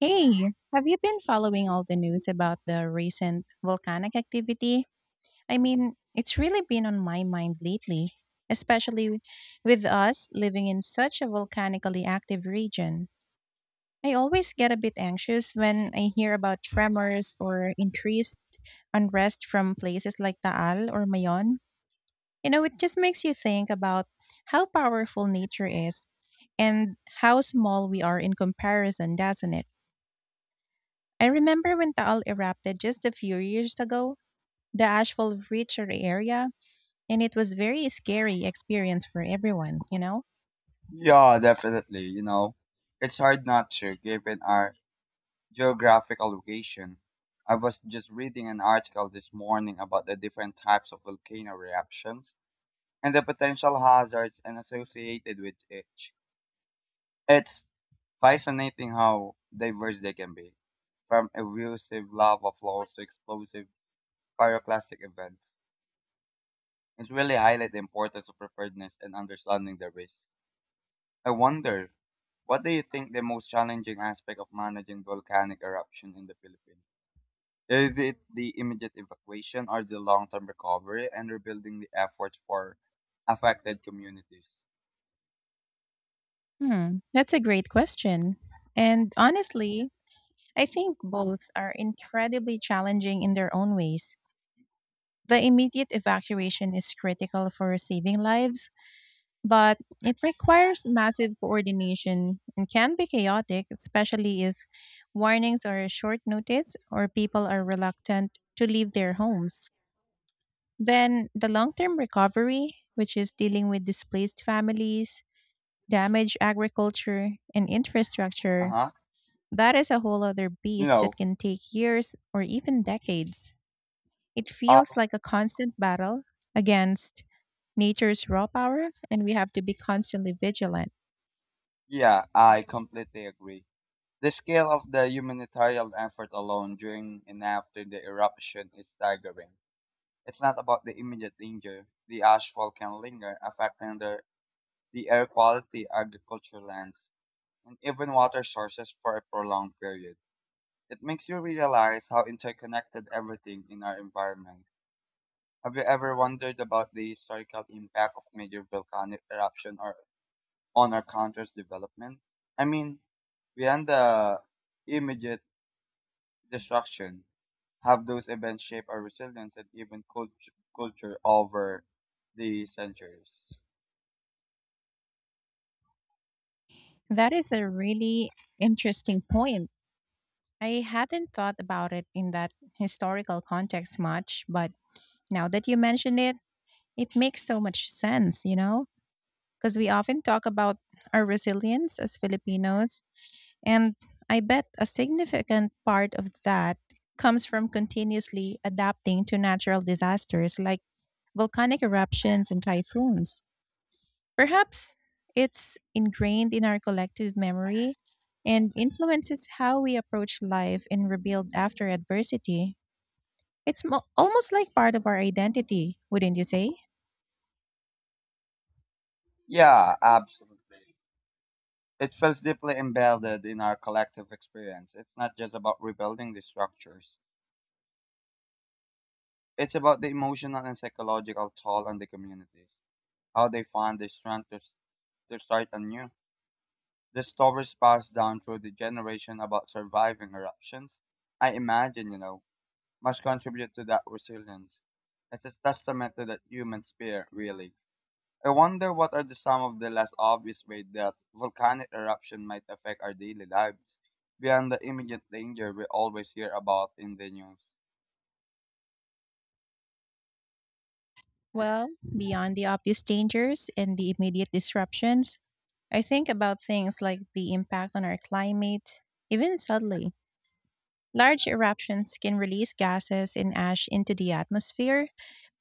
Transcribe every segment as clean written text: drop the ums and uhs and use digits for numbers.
Hey, have you been following all the news about the recent volcanic activity? I mean, it's really been on my mind lately, especially with us living in such a volcanically active region. I always get a bit anxious when I hear about tremors or increased unrest from places like Taal or Mayon. You know, it just makes you think about how powerful nature is and how small we are in comparison, doesn't it? I remember when Taal erupted just a few years ago, the ash fell richer area, and it was very scary experience for everyone, you know? Yeah, definitely. It's hard not to, given our geographical location. I was just reading an article this morning about the different types of volcano eruptions and the potential hazards and associated with each. It's fascinating how diverse they can be, from erosive lava flows to explosive pyroclastic events. It really highlights the importance of preparedness and understanding the risk. I wonder, what do you think the most challenging aspect of managing volcanic eruption in the Philippines? Is it the immediate evacuation or the long-term recovery and rebuilding the efforts for affected communities? Hmm, that's a great question. And honestly, I think both are incredibly challenging in their own ways. The immediate evacuation is critical for saving lives, but it requires massive coordination and can be chaotic, especially if warnings are short notice or people are reluctant to leave their homes. Then the long term recovery, which is dealing with displaced families, damaged agriculture, and infrastructure, Uh-huh. that is a whole other You beast that know, can take years or even decades. It uh, feels like a constant battle against nature's raw power, and we have to be constantly vigilant. yeah, I completely agree. The scale of the humanitarian effort alone during and after the eruption is staggering. It's not about the immediate danger. The ash fall can linger, affecting the air quality, agriculture lands, and even water sources for a prolonged period. It makes you realize how interconnected everything in our environment. Have you ever wondered about the historical impact of major volcanic eruption or on our country's development? I mean, beyond the immediate destruction, have those events shaped our resilience and even culture over the centuries? That is a really interesting point. I have not thought about it in that historical context much, but now that you mention it, it makes so much sense, you know? Because we often talk about our resilience as Filipinos, and I bet a significant part of that comes from continuously adapting to natural disasters like volcanic eruptions and typhoons. Perhaps it's ingrained in our collective memory and influences how we approach life and rebuild after adversity. It's almost like part of our identity, wouldn't you say? Yeah, absolutely. It feels deeply embedded in our collective experience. It's not just about rebuilding the structures. It's about the emotional and psychological toll on the communities, how they find the strength to start anew. The stories passed down through the generation about surviving eruptions, I imagine, must contribute to that resilience. It's a testament to that human spirit, really. I wonder what are the some of the less obvious ways that volcanic eruption might affect our daily lives beyond the immediate danger we always hear about in the news. Well, beyond the obvious dangers and the immediate disruptions, I think about things like the impact on our climate, even subtly. Large eruptions can release gases and ash into the atmosphere,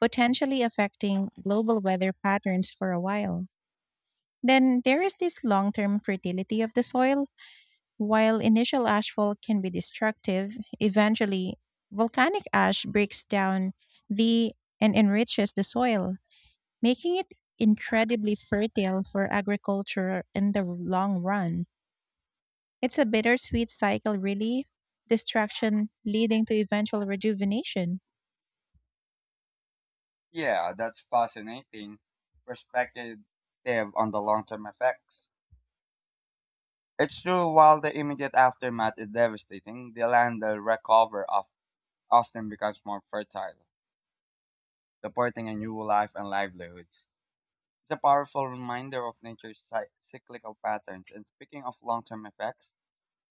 potentially affecting global weather patterns for a while. Then there is this long term fertility of the soil. While initial ashfall can be destructive, eventually volcanic ash breaks down the and enriches the soil, making it incredibly fertile for agriculture in the long run. It's a bittersweet cycle, really, destruction leading to eventual rejuvenation. Yeah, that's fascinating perspective on the long-term effects. It's true, while the immediate aftermath is devastating, the land they recover of often becomes more fertile, supporting a new life and livelihoods. It's a powerful reminder of nature's cyclical patterns, and speaking of long-term effects,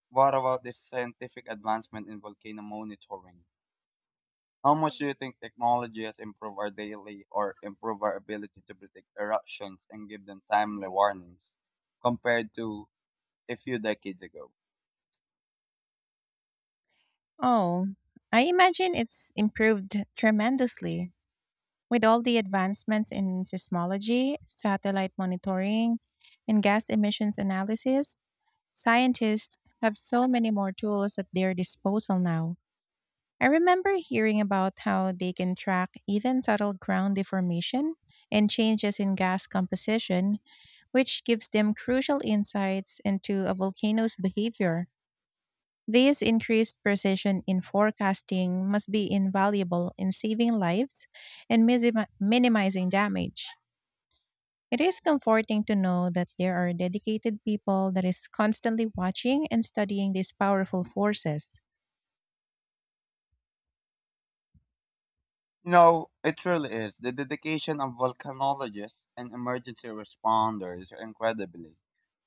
what about the scientific advancement in volcano monitoring? How much do you think technology has improved our daily or improved our ability to predict eruptions and give them timely warnings compared to a few decades ago? Oh, I imagine it's improved tremendously. With all the advancements in seismology, satellite monitoring, and gas emissions analysis, scientists have so many more tools at their disposal now. I remember hearing about how they can track even subtle ground deformation and changes in gas composition, which gives them crucial insights into a volcano's behavior. This increased precision in forecasting must be invaluable in saving lives and minimizing damage. It is comforting to know that there are dedicated people that is constantly watching and studying these powerful forces. It truly is. The dedication of volcanologists and emergency responders are incredibly.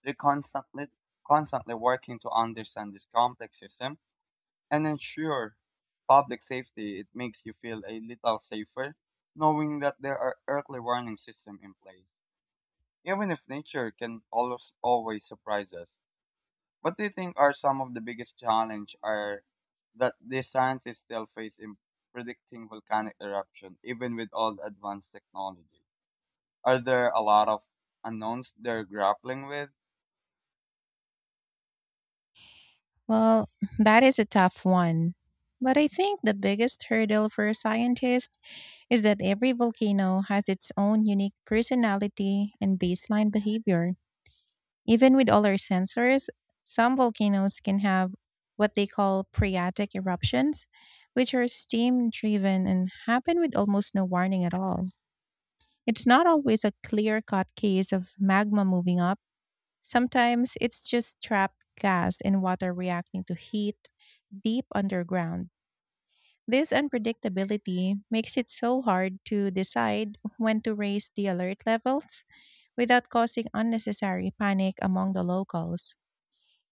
They're constantly working to understand this complex system and ensure public safety. It makes you feel a little safer knowing that there are early warning systems in place. Even if nature can always surprise us. What do you think are some of the biggest challenge are that the scientists still face in predicting volcanic eruption, even with all the advanced technology? Are there a lot of unknowns they're grappling with? Well, that is a tough one. But I think the biggest hurdle for scientists is that every volcano has its own unique personality and baseline behavior. Even with all our sensors, some volcanoes can have what they call phreatic eruptions, which are steam driven and happen with almost no warning at all. It's not always a clear cut case of magma moving up. Sometimes it's just trapped gas and water reacting to heat deep underground. This unpredictability makes it so hard to decide when to raise the alert levels without causing unnecessary panic among the locals.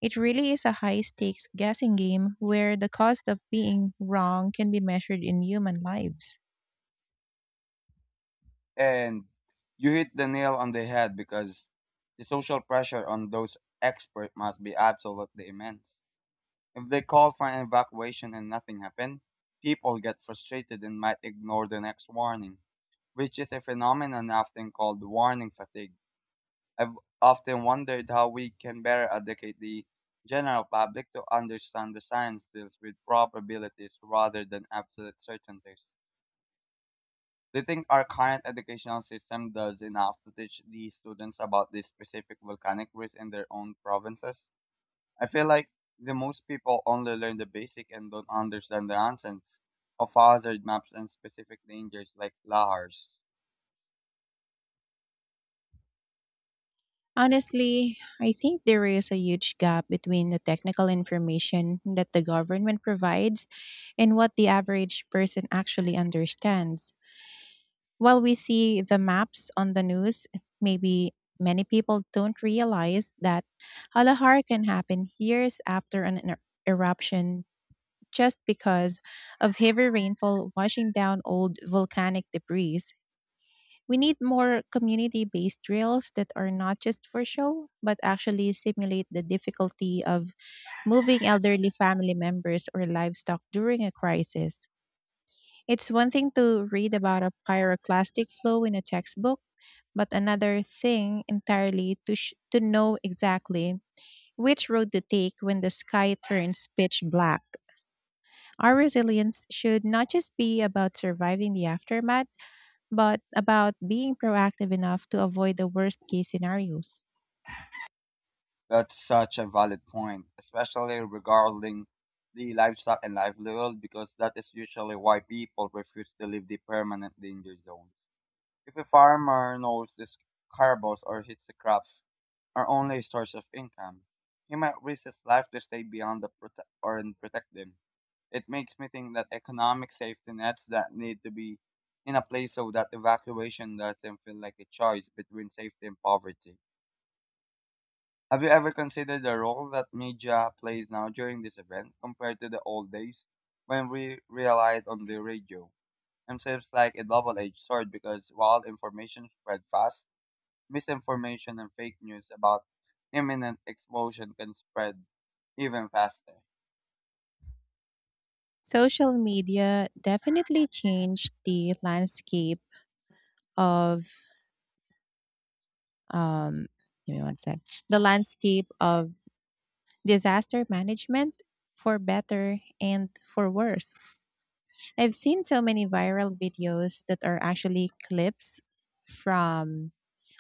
It really is a high stakes guessing game where the cost of being wrong can be measured in human lives. And you hit the nail on the head, because the social pressure on those experts must be absolutely immense. If they call for an evacuation and nothing happened, people get frustrated and might ignore the next warning, which is a phenomenon often called warning fatigue. I've often wondered how we can better educate the general public to understand the science deals with probabilities rather than absolute certainties. Do you think our current educational system does enough to teach the students about the specific volcanic risk in their own provinces? I feel like the most people only learn the basic and don't understand the nonsense of hazard maps and specific dangers like lahars. Honestly, I think there is a huge gap between the technical information that the government provides and what the average person actually understands. While we see the maps on the news, maybe many people don't realize that Halahar can happen years after an eruption just because of heavy rainfall washing down old volcanic debris. We need more community based drills that are not just for show, but actually simulate the difficulty of moving elderly family members or livestock during a crisis. It's one thing to read about a pyroclastic flow in a textbook, but another thing entirely to know exactly which road to take when the sky turns pitch black. Our resilience should not just be about surviving the aftermath, but about being proactive enough to avoid the worst case scenarios. That's such a valid point, especially regarding the livestock and livelihood, because that is usually why people refuse to leave the permanent danger zones. If a farmer knows his carbos or hits the crops are only a source of income, he might risk his life to stay beyond the or and protect them. It makes me think that economic safety nets that need to be in a place, so that evacuation doesn't feel like a choice between safety and poverty. Have you ever considered the role that media plays now during this event compared to the old days when we relied on the radio? It seems like a double-edged sword, because while information spread fast, misinformation and fake news about imminent explosion can spread even faster. Social media definitely changed the landscape of, um, give me one sec, the landscape of disaster management for better and for worse. I've seen so many viral videos that are actually clips from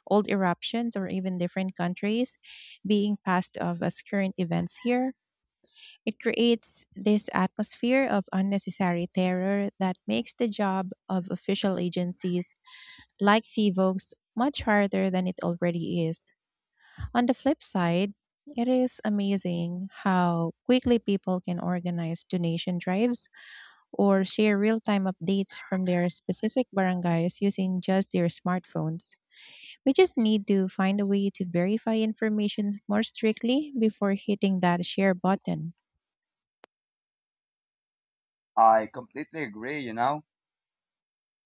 old eruptions or even different countries being passed off as current events here. It creates this atmosphere of unnecessary terror that makes the job of official agencies like FIVOGS much harder than it already is. On the flip side, it is amazing how quickly people can organize donation drives or share real time updates from their specific barangays using just their smartphones. We just need to find a way to verify information more strictly before hitting that share button. I completely agree, you know?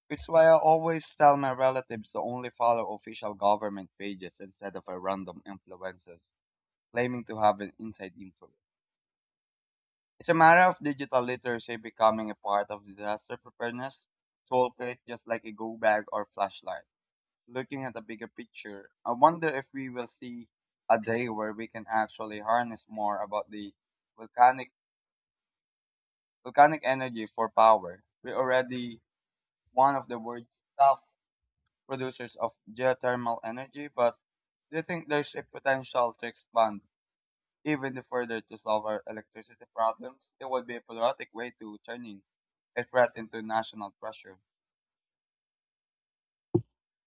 It's why I always tell my relatives to only follow official government pages instead of a random influencers claiming to have an inside info. It's a matter of digital literacy becoming a part of disaster preparedness toolkit, just like a go bag or flashlight. Looking at the bigger picture, I wonder if we will see a day where we can actually harness more about the volcanic volcanic energy for power. We're already one of the world's top producers of geothermal energy, but do you think there's a potential to expand even further to solve our electricity problems? It would be a patriotic way to turning a threat into national pressure.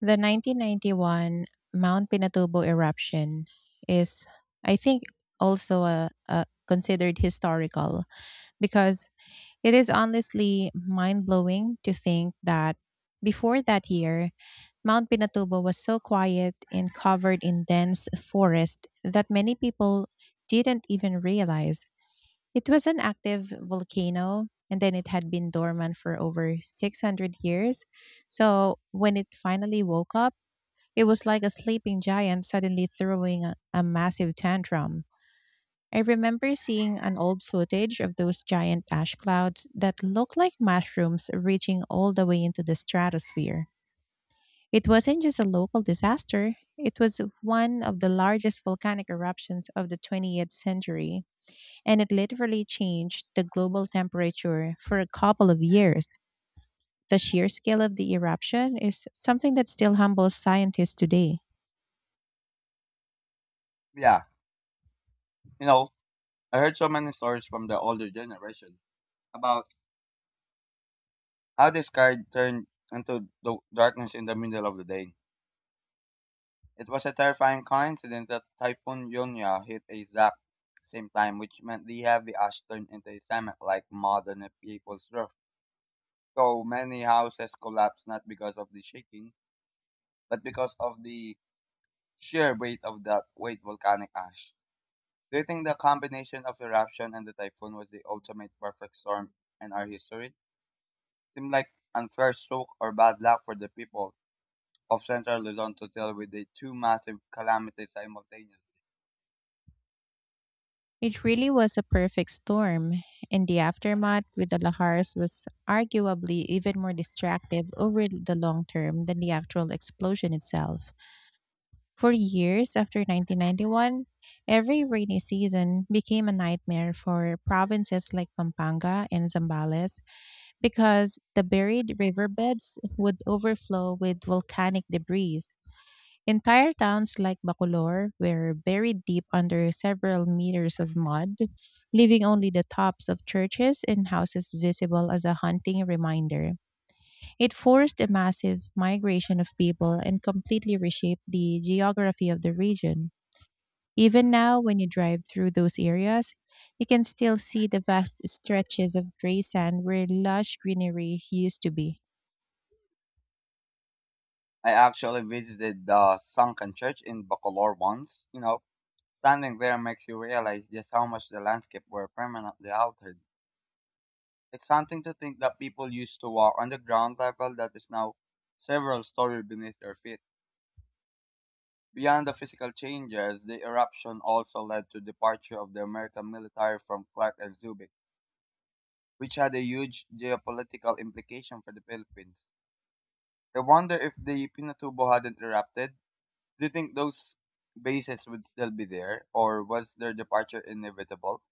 The 1991 Mount Pinatubo eruption is, I think, also a considered historical, because it is honestly mind blowing to think that before that year, Mount Pinatubo was so quiet and covered in dense forest that many people didn't even realize it was an active volcano, and then it had been dormant for over 600 years. So when it finally woke up, it was like a sleeping giant suddenly throwing a massive tantrum. I remember seeing an old footage of those giant ash clouds that looked like mushrooms reaching all the way into the stratosphere. It wasn't just a local disaster, it was one of the largest volcanic eruptions of the 20th century, and it literally changed the global temperature for a couple of years. The sheer scale of the eruption is something that still humbles scientists today. Yeah, you know, I heard so many stories from the older generation about how the sky turned into the darkness in the middle of the day. It was a terrifying coincidence that Typhoon Yunya hit exact same time, which meant the heavy ash turned into a cement like mud on a people's roof. So many houses collapsed, not because of the shaking, but because of the sheer weight of that weight volcanic ash. Do you think the combination of eruption and the typhoon was the ultimate perfect storm in our history? Seemed like unfair stroke or bad luck for the people of central Luzon to deal with the two massive calamities simultaneously. It really was a perfect storm, and the aftermath with the lahars was arguably even more destructive over the long term than the actual explosion itself. For years after 1991, every rainy season became a nightmare for provinces like Pampanga and Zambales, because the buried riverbeds would overflow with volcanic debris. Entire towns like Bacolor were buried deep under several meters of mud, leaving only the tops of churches and houses visible as a haunting reminder. It forced a massive migration of people and completely reshaped the geography of the region. Even now, when you drive through those areas, you can still see the vast stretches of gray sand where lush greenery used to be. I actually visited the sunken church in Bacolor once. Standing there makes you realize just how much the landscape were permanently altered. It's something to think that people used to walk on the ground level that is now several stories beneath their feet. Beyond the physical changes, the eruption also led to departure of the American military from Clark and Subic, which had a huge geopolitical implication for the Philippines. I wonder, if the Pinatubo hadn't erupted, do you think those bases would still be there, or was their departure inevitable?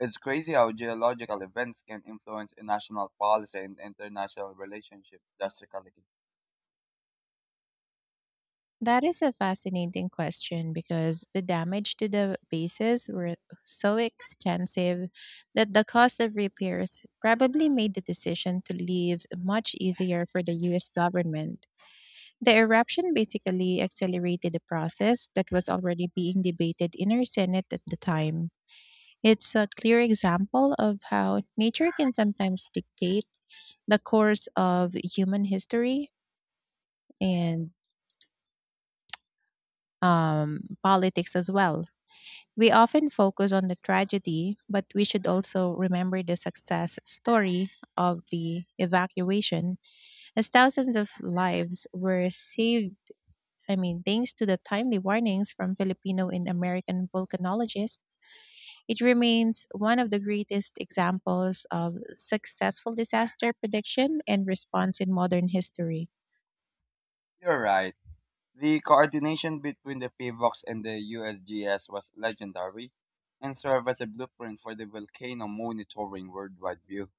It's crazy how geological events can influence in national policy and international relationships drastically. That is a fascinating question, because the damage to the bases were so extensive that the cost of repairs probably made the decision to leave much easier for the US government. The eruption basically accelerated the process that was already being debated in our Senate at the time. It's a clear example of how nature can sometimes dictate the course of human history and politics as well. We often focus on the tragedy, but we should also remember the success story of the evacuation, as thousands of lives were saved. I mean, thanks to the timely warnings from Filipino and American volcanologists, it remains one of the greatest examples of successful disaster prediction and response in modern history. You're right. The coordination between the PVOX and the USGS was legendary and served as a blueprint for the volcano monitoring worldwide view.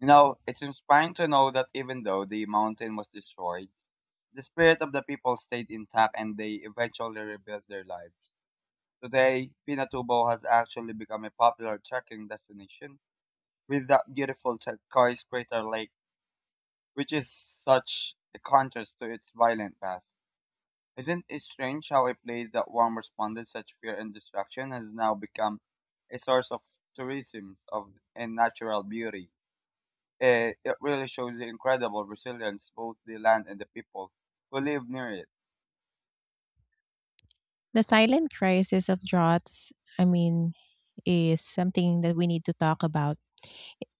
It's inspiring to know that even though the mountain was destroyed, the spirit of the people stayed intact and they eventually rebuilt their lives. Today, Pinatubo has actually become a popular trekking destination with that beautiful skyscraper lake, which is such a contrast to its violent past. Isn't it strange how a place that once responded such fear and destruction has now become a source of tourism of and natural beauty? Eh, it really shows the incredible resilience both the land and the people who live near it. The silent crisis of droughts, I mean, is something that we need to talk about.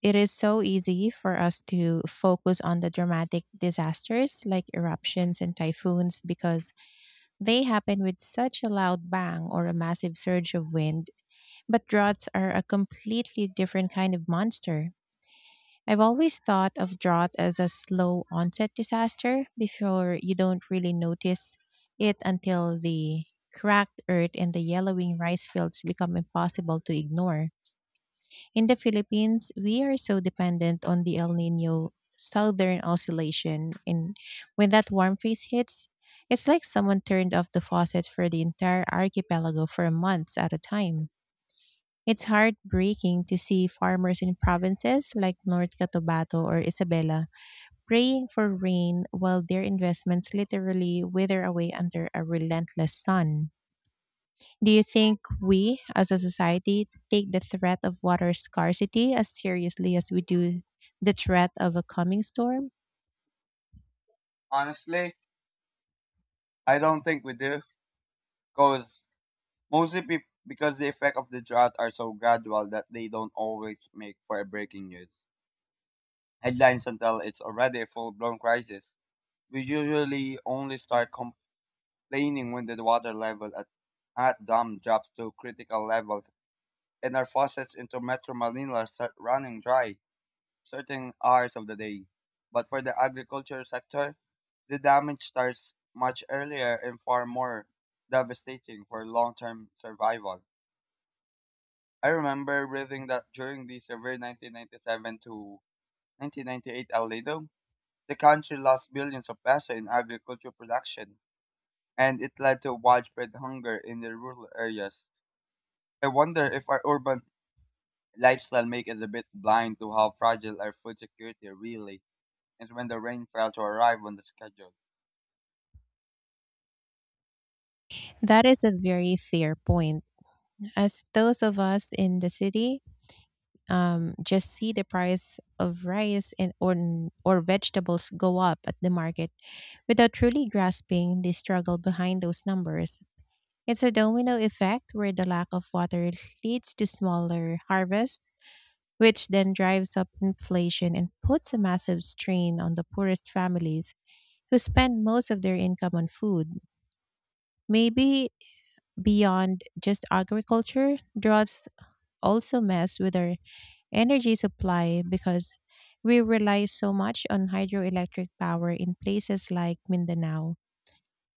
It is so easy for us to focus on the dramatic disasters like eruptions and typhoons, because they happen with such a loud bang or a massive surge of wind. But droughts are a completely different kind of monster. I've always thought of drought as a slow onset disaster, before you don't really notice it until the cracked earth and the yellowing rice fields become impossible to ignore. In the Philippines, we are so dependent on the El Nino Southern Oscillation. And when that warm phase hits, it's like someone turned off the faucet for the entire archipelago for months at a time. It's heartbreaking to see farmers in provinces like North Cotabato or Isabela praying for rain while their investments literally wither away under a relentless sun. Do you think we, as a society, take the threat of water scarcity as seriously as we do the threat of a coming storm? Honestly, I don't think we do, because mostly because the effect of the drought are so gradual that they don't always make for a breaking news headlines until it's already a full blown crisis. We usually only start complaining when the water level at dam drops to critical levels and our faucets into Metro Manila start running dry, certain hours of the day. But for the agriculture sector, the damage starts much earlier and far more devastating for long term survival. I remember reading that during the severe 1997 to 1998 El Niño, the country lost billions of pesos in agricultural production, and it led to widespread hunger in the rural areas. I wonder if our urban lifestyle makes us a bit blind to how fragile our food security really is when the rain failed to arrive on the schedule. That is a very fair point. As those of us in the city just see the price of rice and or vegetables go up at the market without truly grasping the struggle behind those numbers. It's a domino effect, where the lack of water leads to smaller harvests, which then drives up inflation and puts a massive strain on the poorest families who spend most of their income on food. Maybe beyond just agriculture, droughts also mess with our energy supply, because we rely so much on hydroelectric power in places like Mindanao.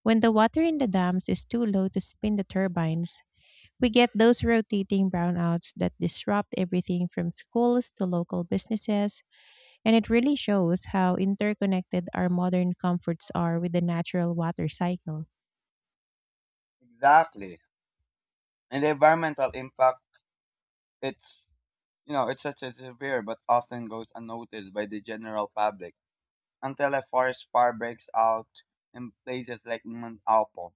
When the water in the dams is too low to spin the turbines, we get those rotating brownouts that disrupt everything from schools to local businesses. And it really shows how interconnected our modern comforts are with the natural water cycle. Exactly. And the environmental impact, it's, it's such a severe but often goes unnoticed by the general public, until a forest fire breaks out in places like Mount Apo,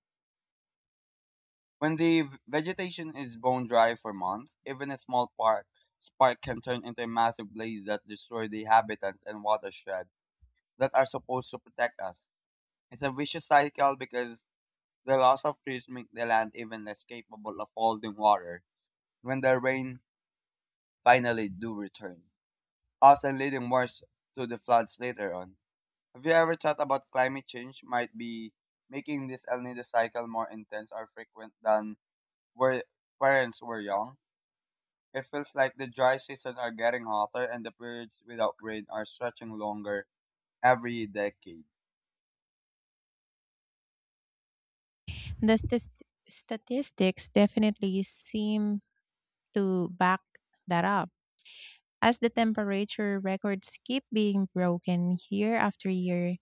when the vegetation is bone dry for months, even a small park spark can turn into a massive blaze that destroys the habitats and watershed that are supposed to protect us. It's a vicious cycle, because the loss of trees make the land even less capable of holding water when the rain finally do return, often leading worse to the floods later on. Have you ever thought about climate change might be making this El Nino cycle more intense or frequent than where parents were young? It feels like the dry seasons are getting hotter and the periods without rain are stretching longer every decade. The statistics definitely seem to back that up. As the temperature records keep being broken year after year,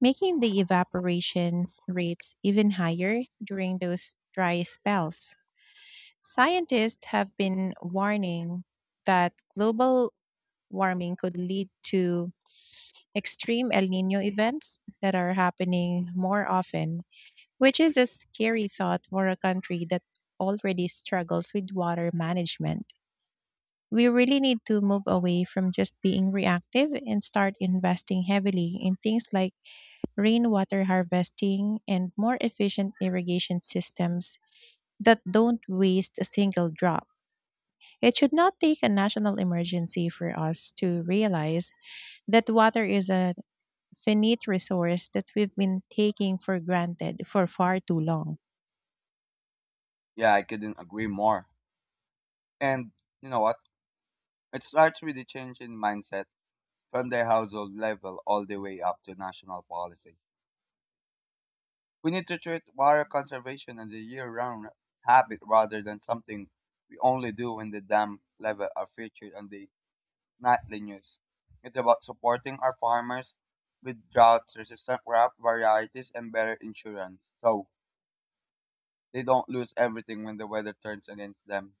making the evaporation rates even higher during those dry spells. Scientists have been warning that global warming could lead to extreme El Nino events that are happening more often, which is a scary thought for a country that already struggles with water management. We really need to move away from just being reactive and start investing heavily in things like rainwater harvesting and more efficient irrigation systems that don't waste a single drop. It should not take a national emergency for us to realize that water is a finite resource that we've been taking for granted for far too long. Yeah, I couldn't agree more. And you know what? It starts with the change in mindset, from their household level all the way up to national policy. We need to treat water conservation as a year round habit rather than something we only do when the dam level are featured on the nightly news. It's about supporting our farmers with drought resistant crop varieties and better insurance, so they don't lose everything when the weather turns against them.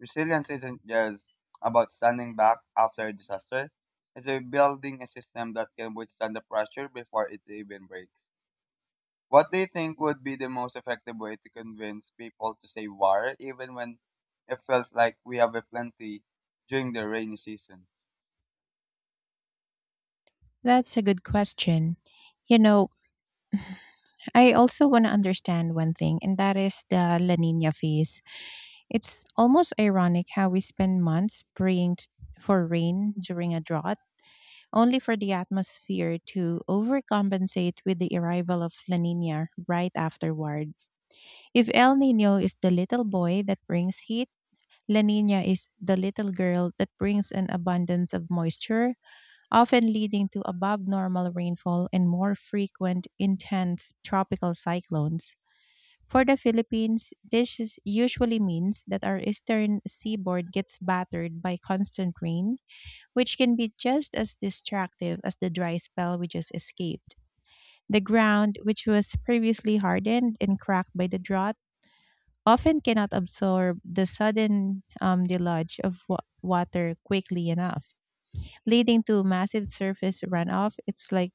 Resilience isn't just about standing back after a disaster. It's about building a system that can withstand the pressure before it even breaks. What do you think would be the most effective way to convince people to save water, even when it feels like we have a plenty during the rainy season? That's a good question. You know, I also want to understand one thing, and that is the La Nina phase. It's almost ironic how we spend months for rain during a drought, only for the atmosphere to overcompensate with the arrival of La Nina right afterward. If El Nino is the little boy that brings heat, La Nina is the little girl that brings an abundance of moisture, often leading to above normal rainfall and more frequent, intense tropical cyclones. For the Philippines, usually means that our eastern seaboard gets battered by constant rain, which can be just as destructive as the dry spell we just escaped. The ground, which was previously hardened and cracked by the drought, often cannot absorb the sudden deluge of water quickly enough, leading to massive surface runoff. It's like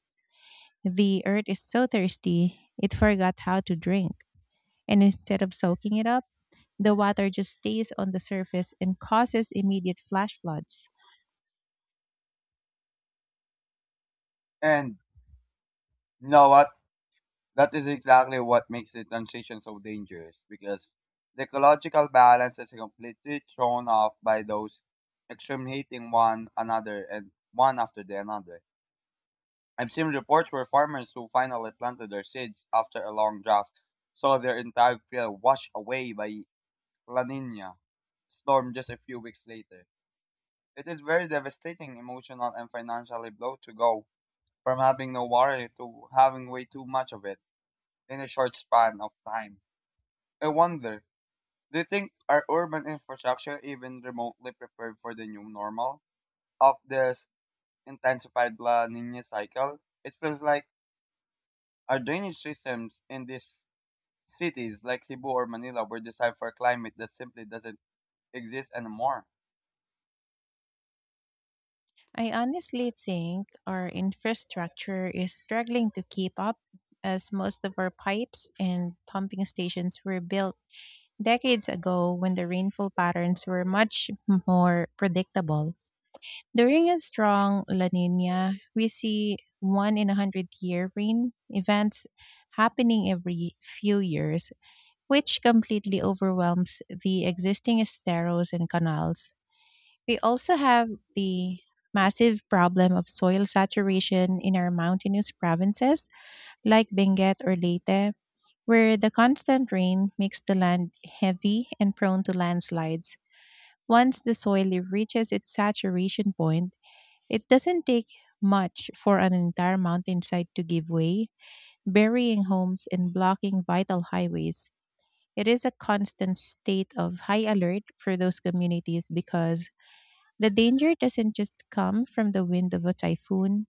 the earth is so thirsty, it forgot how to drink. And instead of soaking it up, the water just stays on the surface and causes immediate flash floods. And you know what? That is exactly what makes the transition so dangerous, because the ecological balance is completely thrown off by those extreme hating one another and one after the another. I've seen reports where farmers who finally planted their seeds after a long drought saw their entire field washed away by La Nina storm just a few weeks later. It is very devastating, emotional, and financially blow to go from having no water to having way too much of it in a short span of time. I wonder, do you think our urban infrastructure even remotely prepared for the new normal of this intensified La Nina cycle? It feels like our drainage systems in these cities like Cebu or Manila were designed for a climate that simply doesn't exist anymore. I honestly think our infrastructure is struggling to keep up, as most of our pipes and pumping stations were built decades ago, when the rainfall patterns were much more predictable. During a strong La Nina, we see one in a hundred-year rain events happening every few years, which completely overwhelms the existing esteros and canals. We also have the massive problem of soil saturation in our mountainous provinces like Benguet or Leyte, where the constant rain makes the land heavy and prone to landslides. Once the soil reaches its saturation point, it doesn't take much for an entire mountainside to give way, burying homes and blocking vital highways. It is a constant state of high alert for those communities, because the danger doesn't just come from the wind of a typhoon,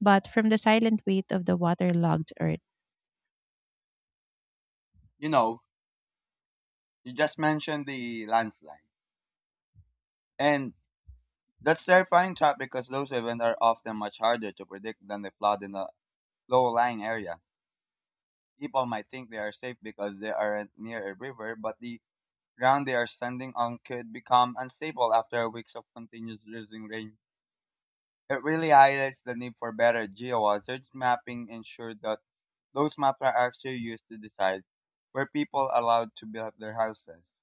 but from the silent weight of the waterlogged earth. You know, you just mentioned the landslide. And that's terrifying trap, because those events are often much harder to predict than the flood in a low-lying area. People might think they are safe because they aren't near a river, but the ground they are standing on could become unstable after weeks of continuous drizzling rain. It really highlights the need for better geohazards mapping, ensure that those maps are actually used to decide where people are allowed to build their houses.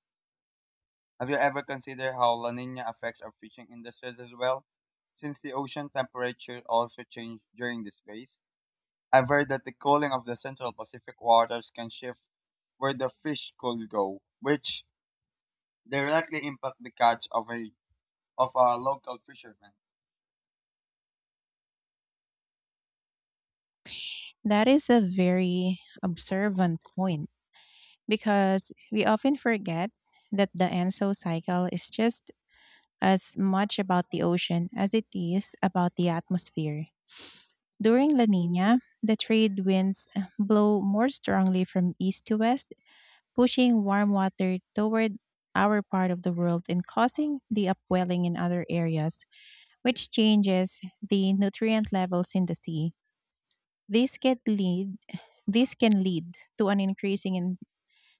Have you ever considered how La Nina affects our fishing industries as well? Since the ocean temperature also changed during this phase, I've heard that the cooling of the central Pacific waters can shift where the fish could go, which directly impact the catch of a of our local fishermen. That is a very observant point, because we often forget that the Anso cycle is just as much about the ocean as it is about the atmosphere. During La Nina, the trade winds blow more strongly from east to west, pushing warm water toward our part of the world and causing the upwelling in other areas, which changes the nutrient levels in the sea. This can lead this can lead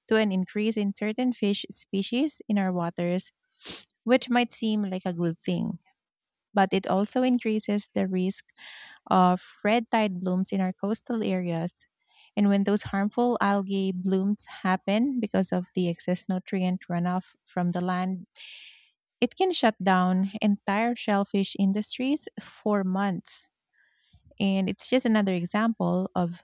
to an increase in certain fish species in our waters, which might seem like a good thing, but it also increases the risk of red tide blooms in our coastal areas. And when those harmful algae blooms happen because of the excess nutrient runoff from the land, it can shut down entire shellfish industries for months. And it's just another example of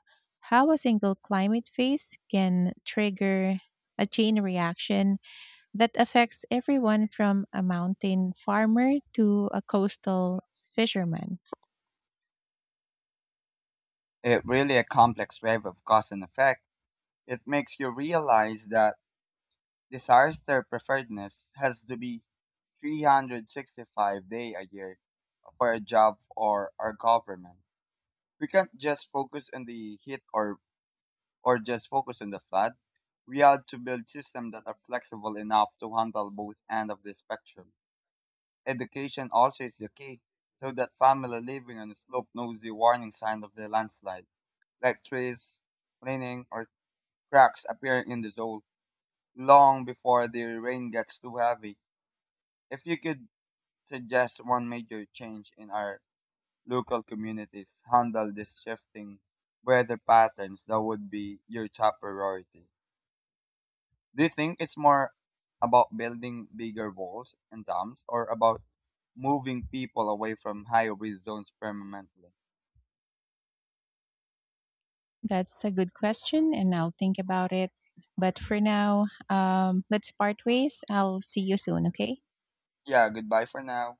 how a single climate phase can trigger a chain reaction that affects everyone from a mountain farmer to a coastal fisherman. It really a complex web of cause and effect. It makes you realize that disaster preparedness has to be 365 day a year for a job or our government. We can't just focus on the heat, or just focus on the flood. We have to build systems that are flexible enough to handle both end of the spectrum. Education also is the key, so that family living on the slope knows the warning sign of the landslide, like trees leaning or cracks appearing in the soil long before the rain gets too heavy. If you could suggest one major change in our local communities handle this shifting weather patterns, that would be your top priority. Do you think it's more about building bigger walls and dams, or about moving people away from high risk zones permanently? That's a good question, and I'll think about it. But for now, let's part ways. I'll see you soon, okay? Yeah, goodbye for now.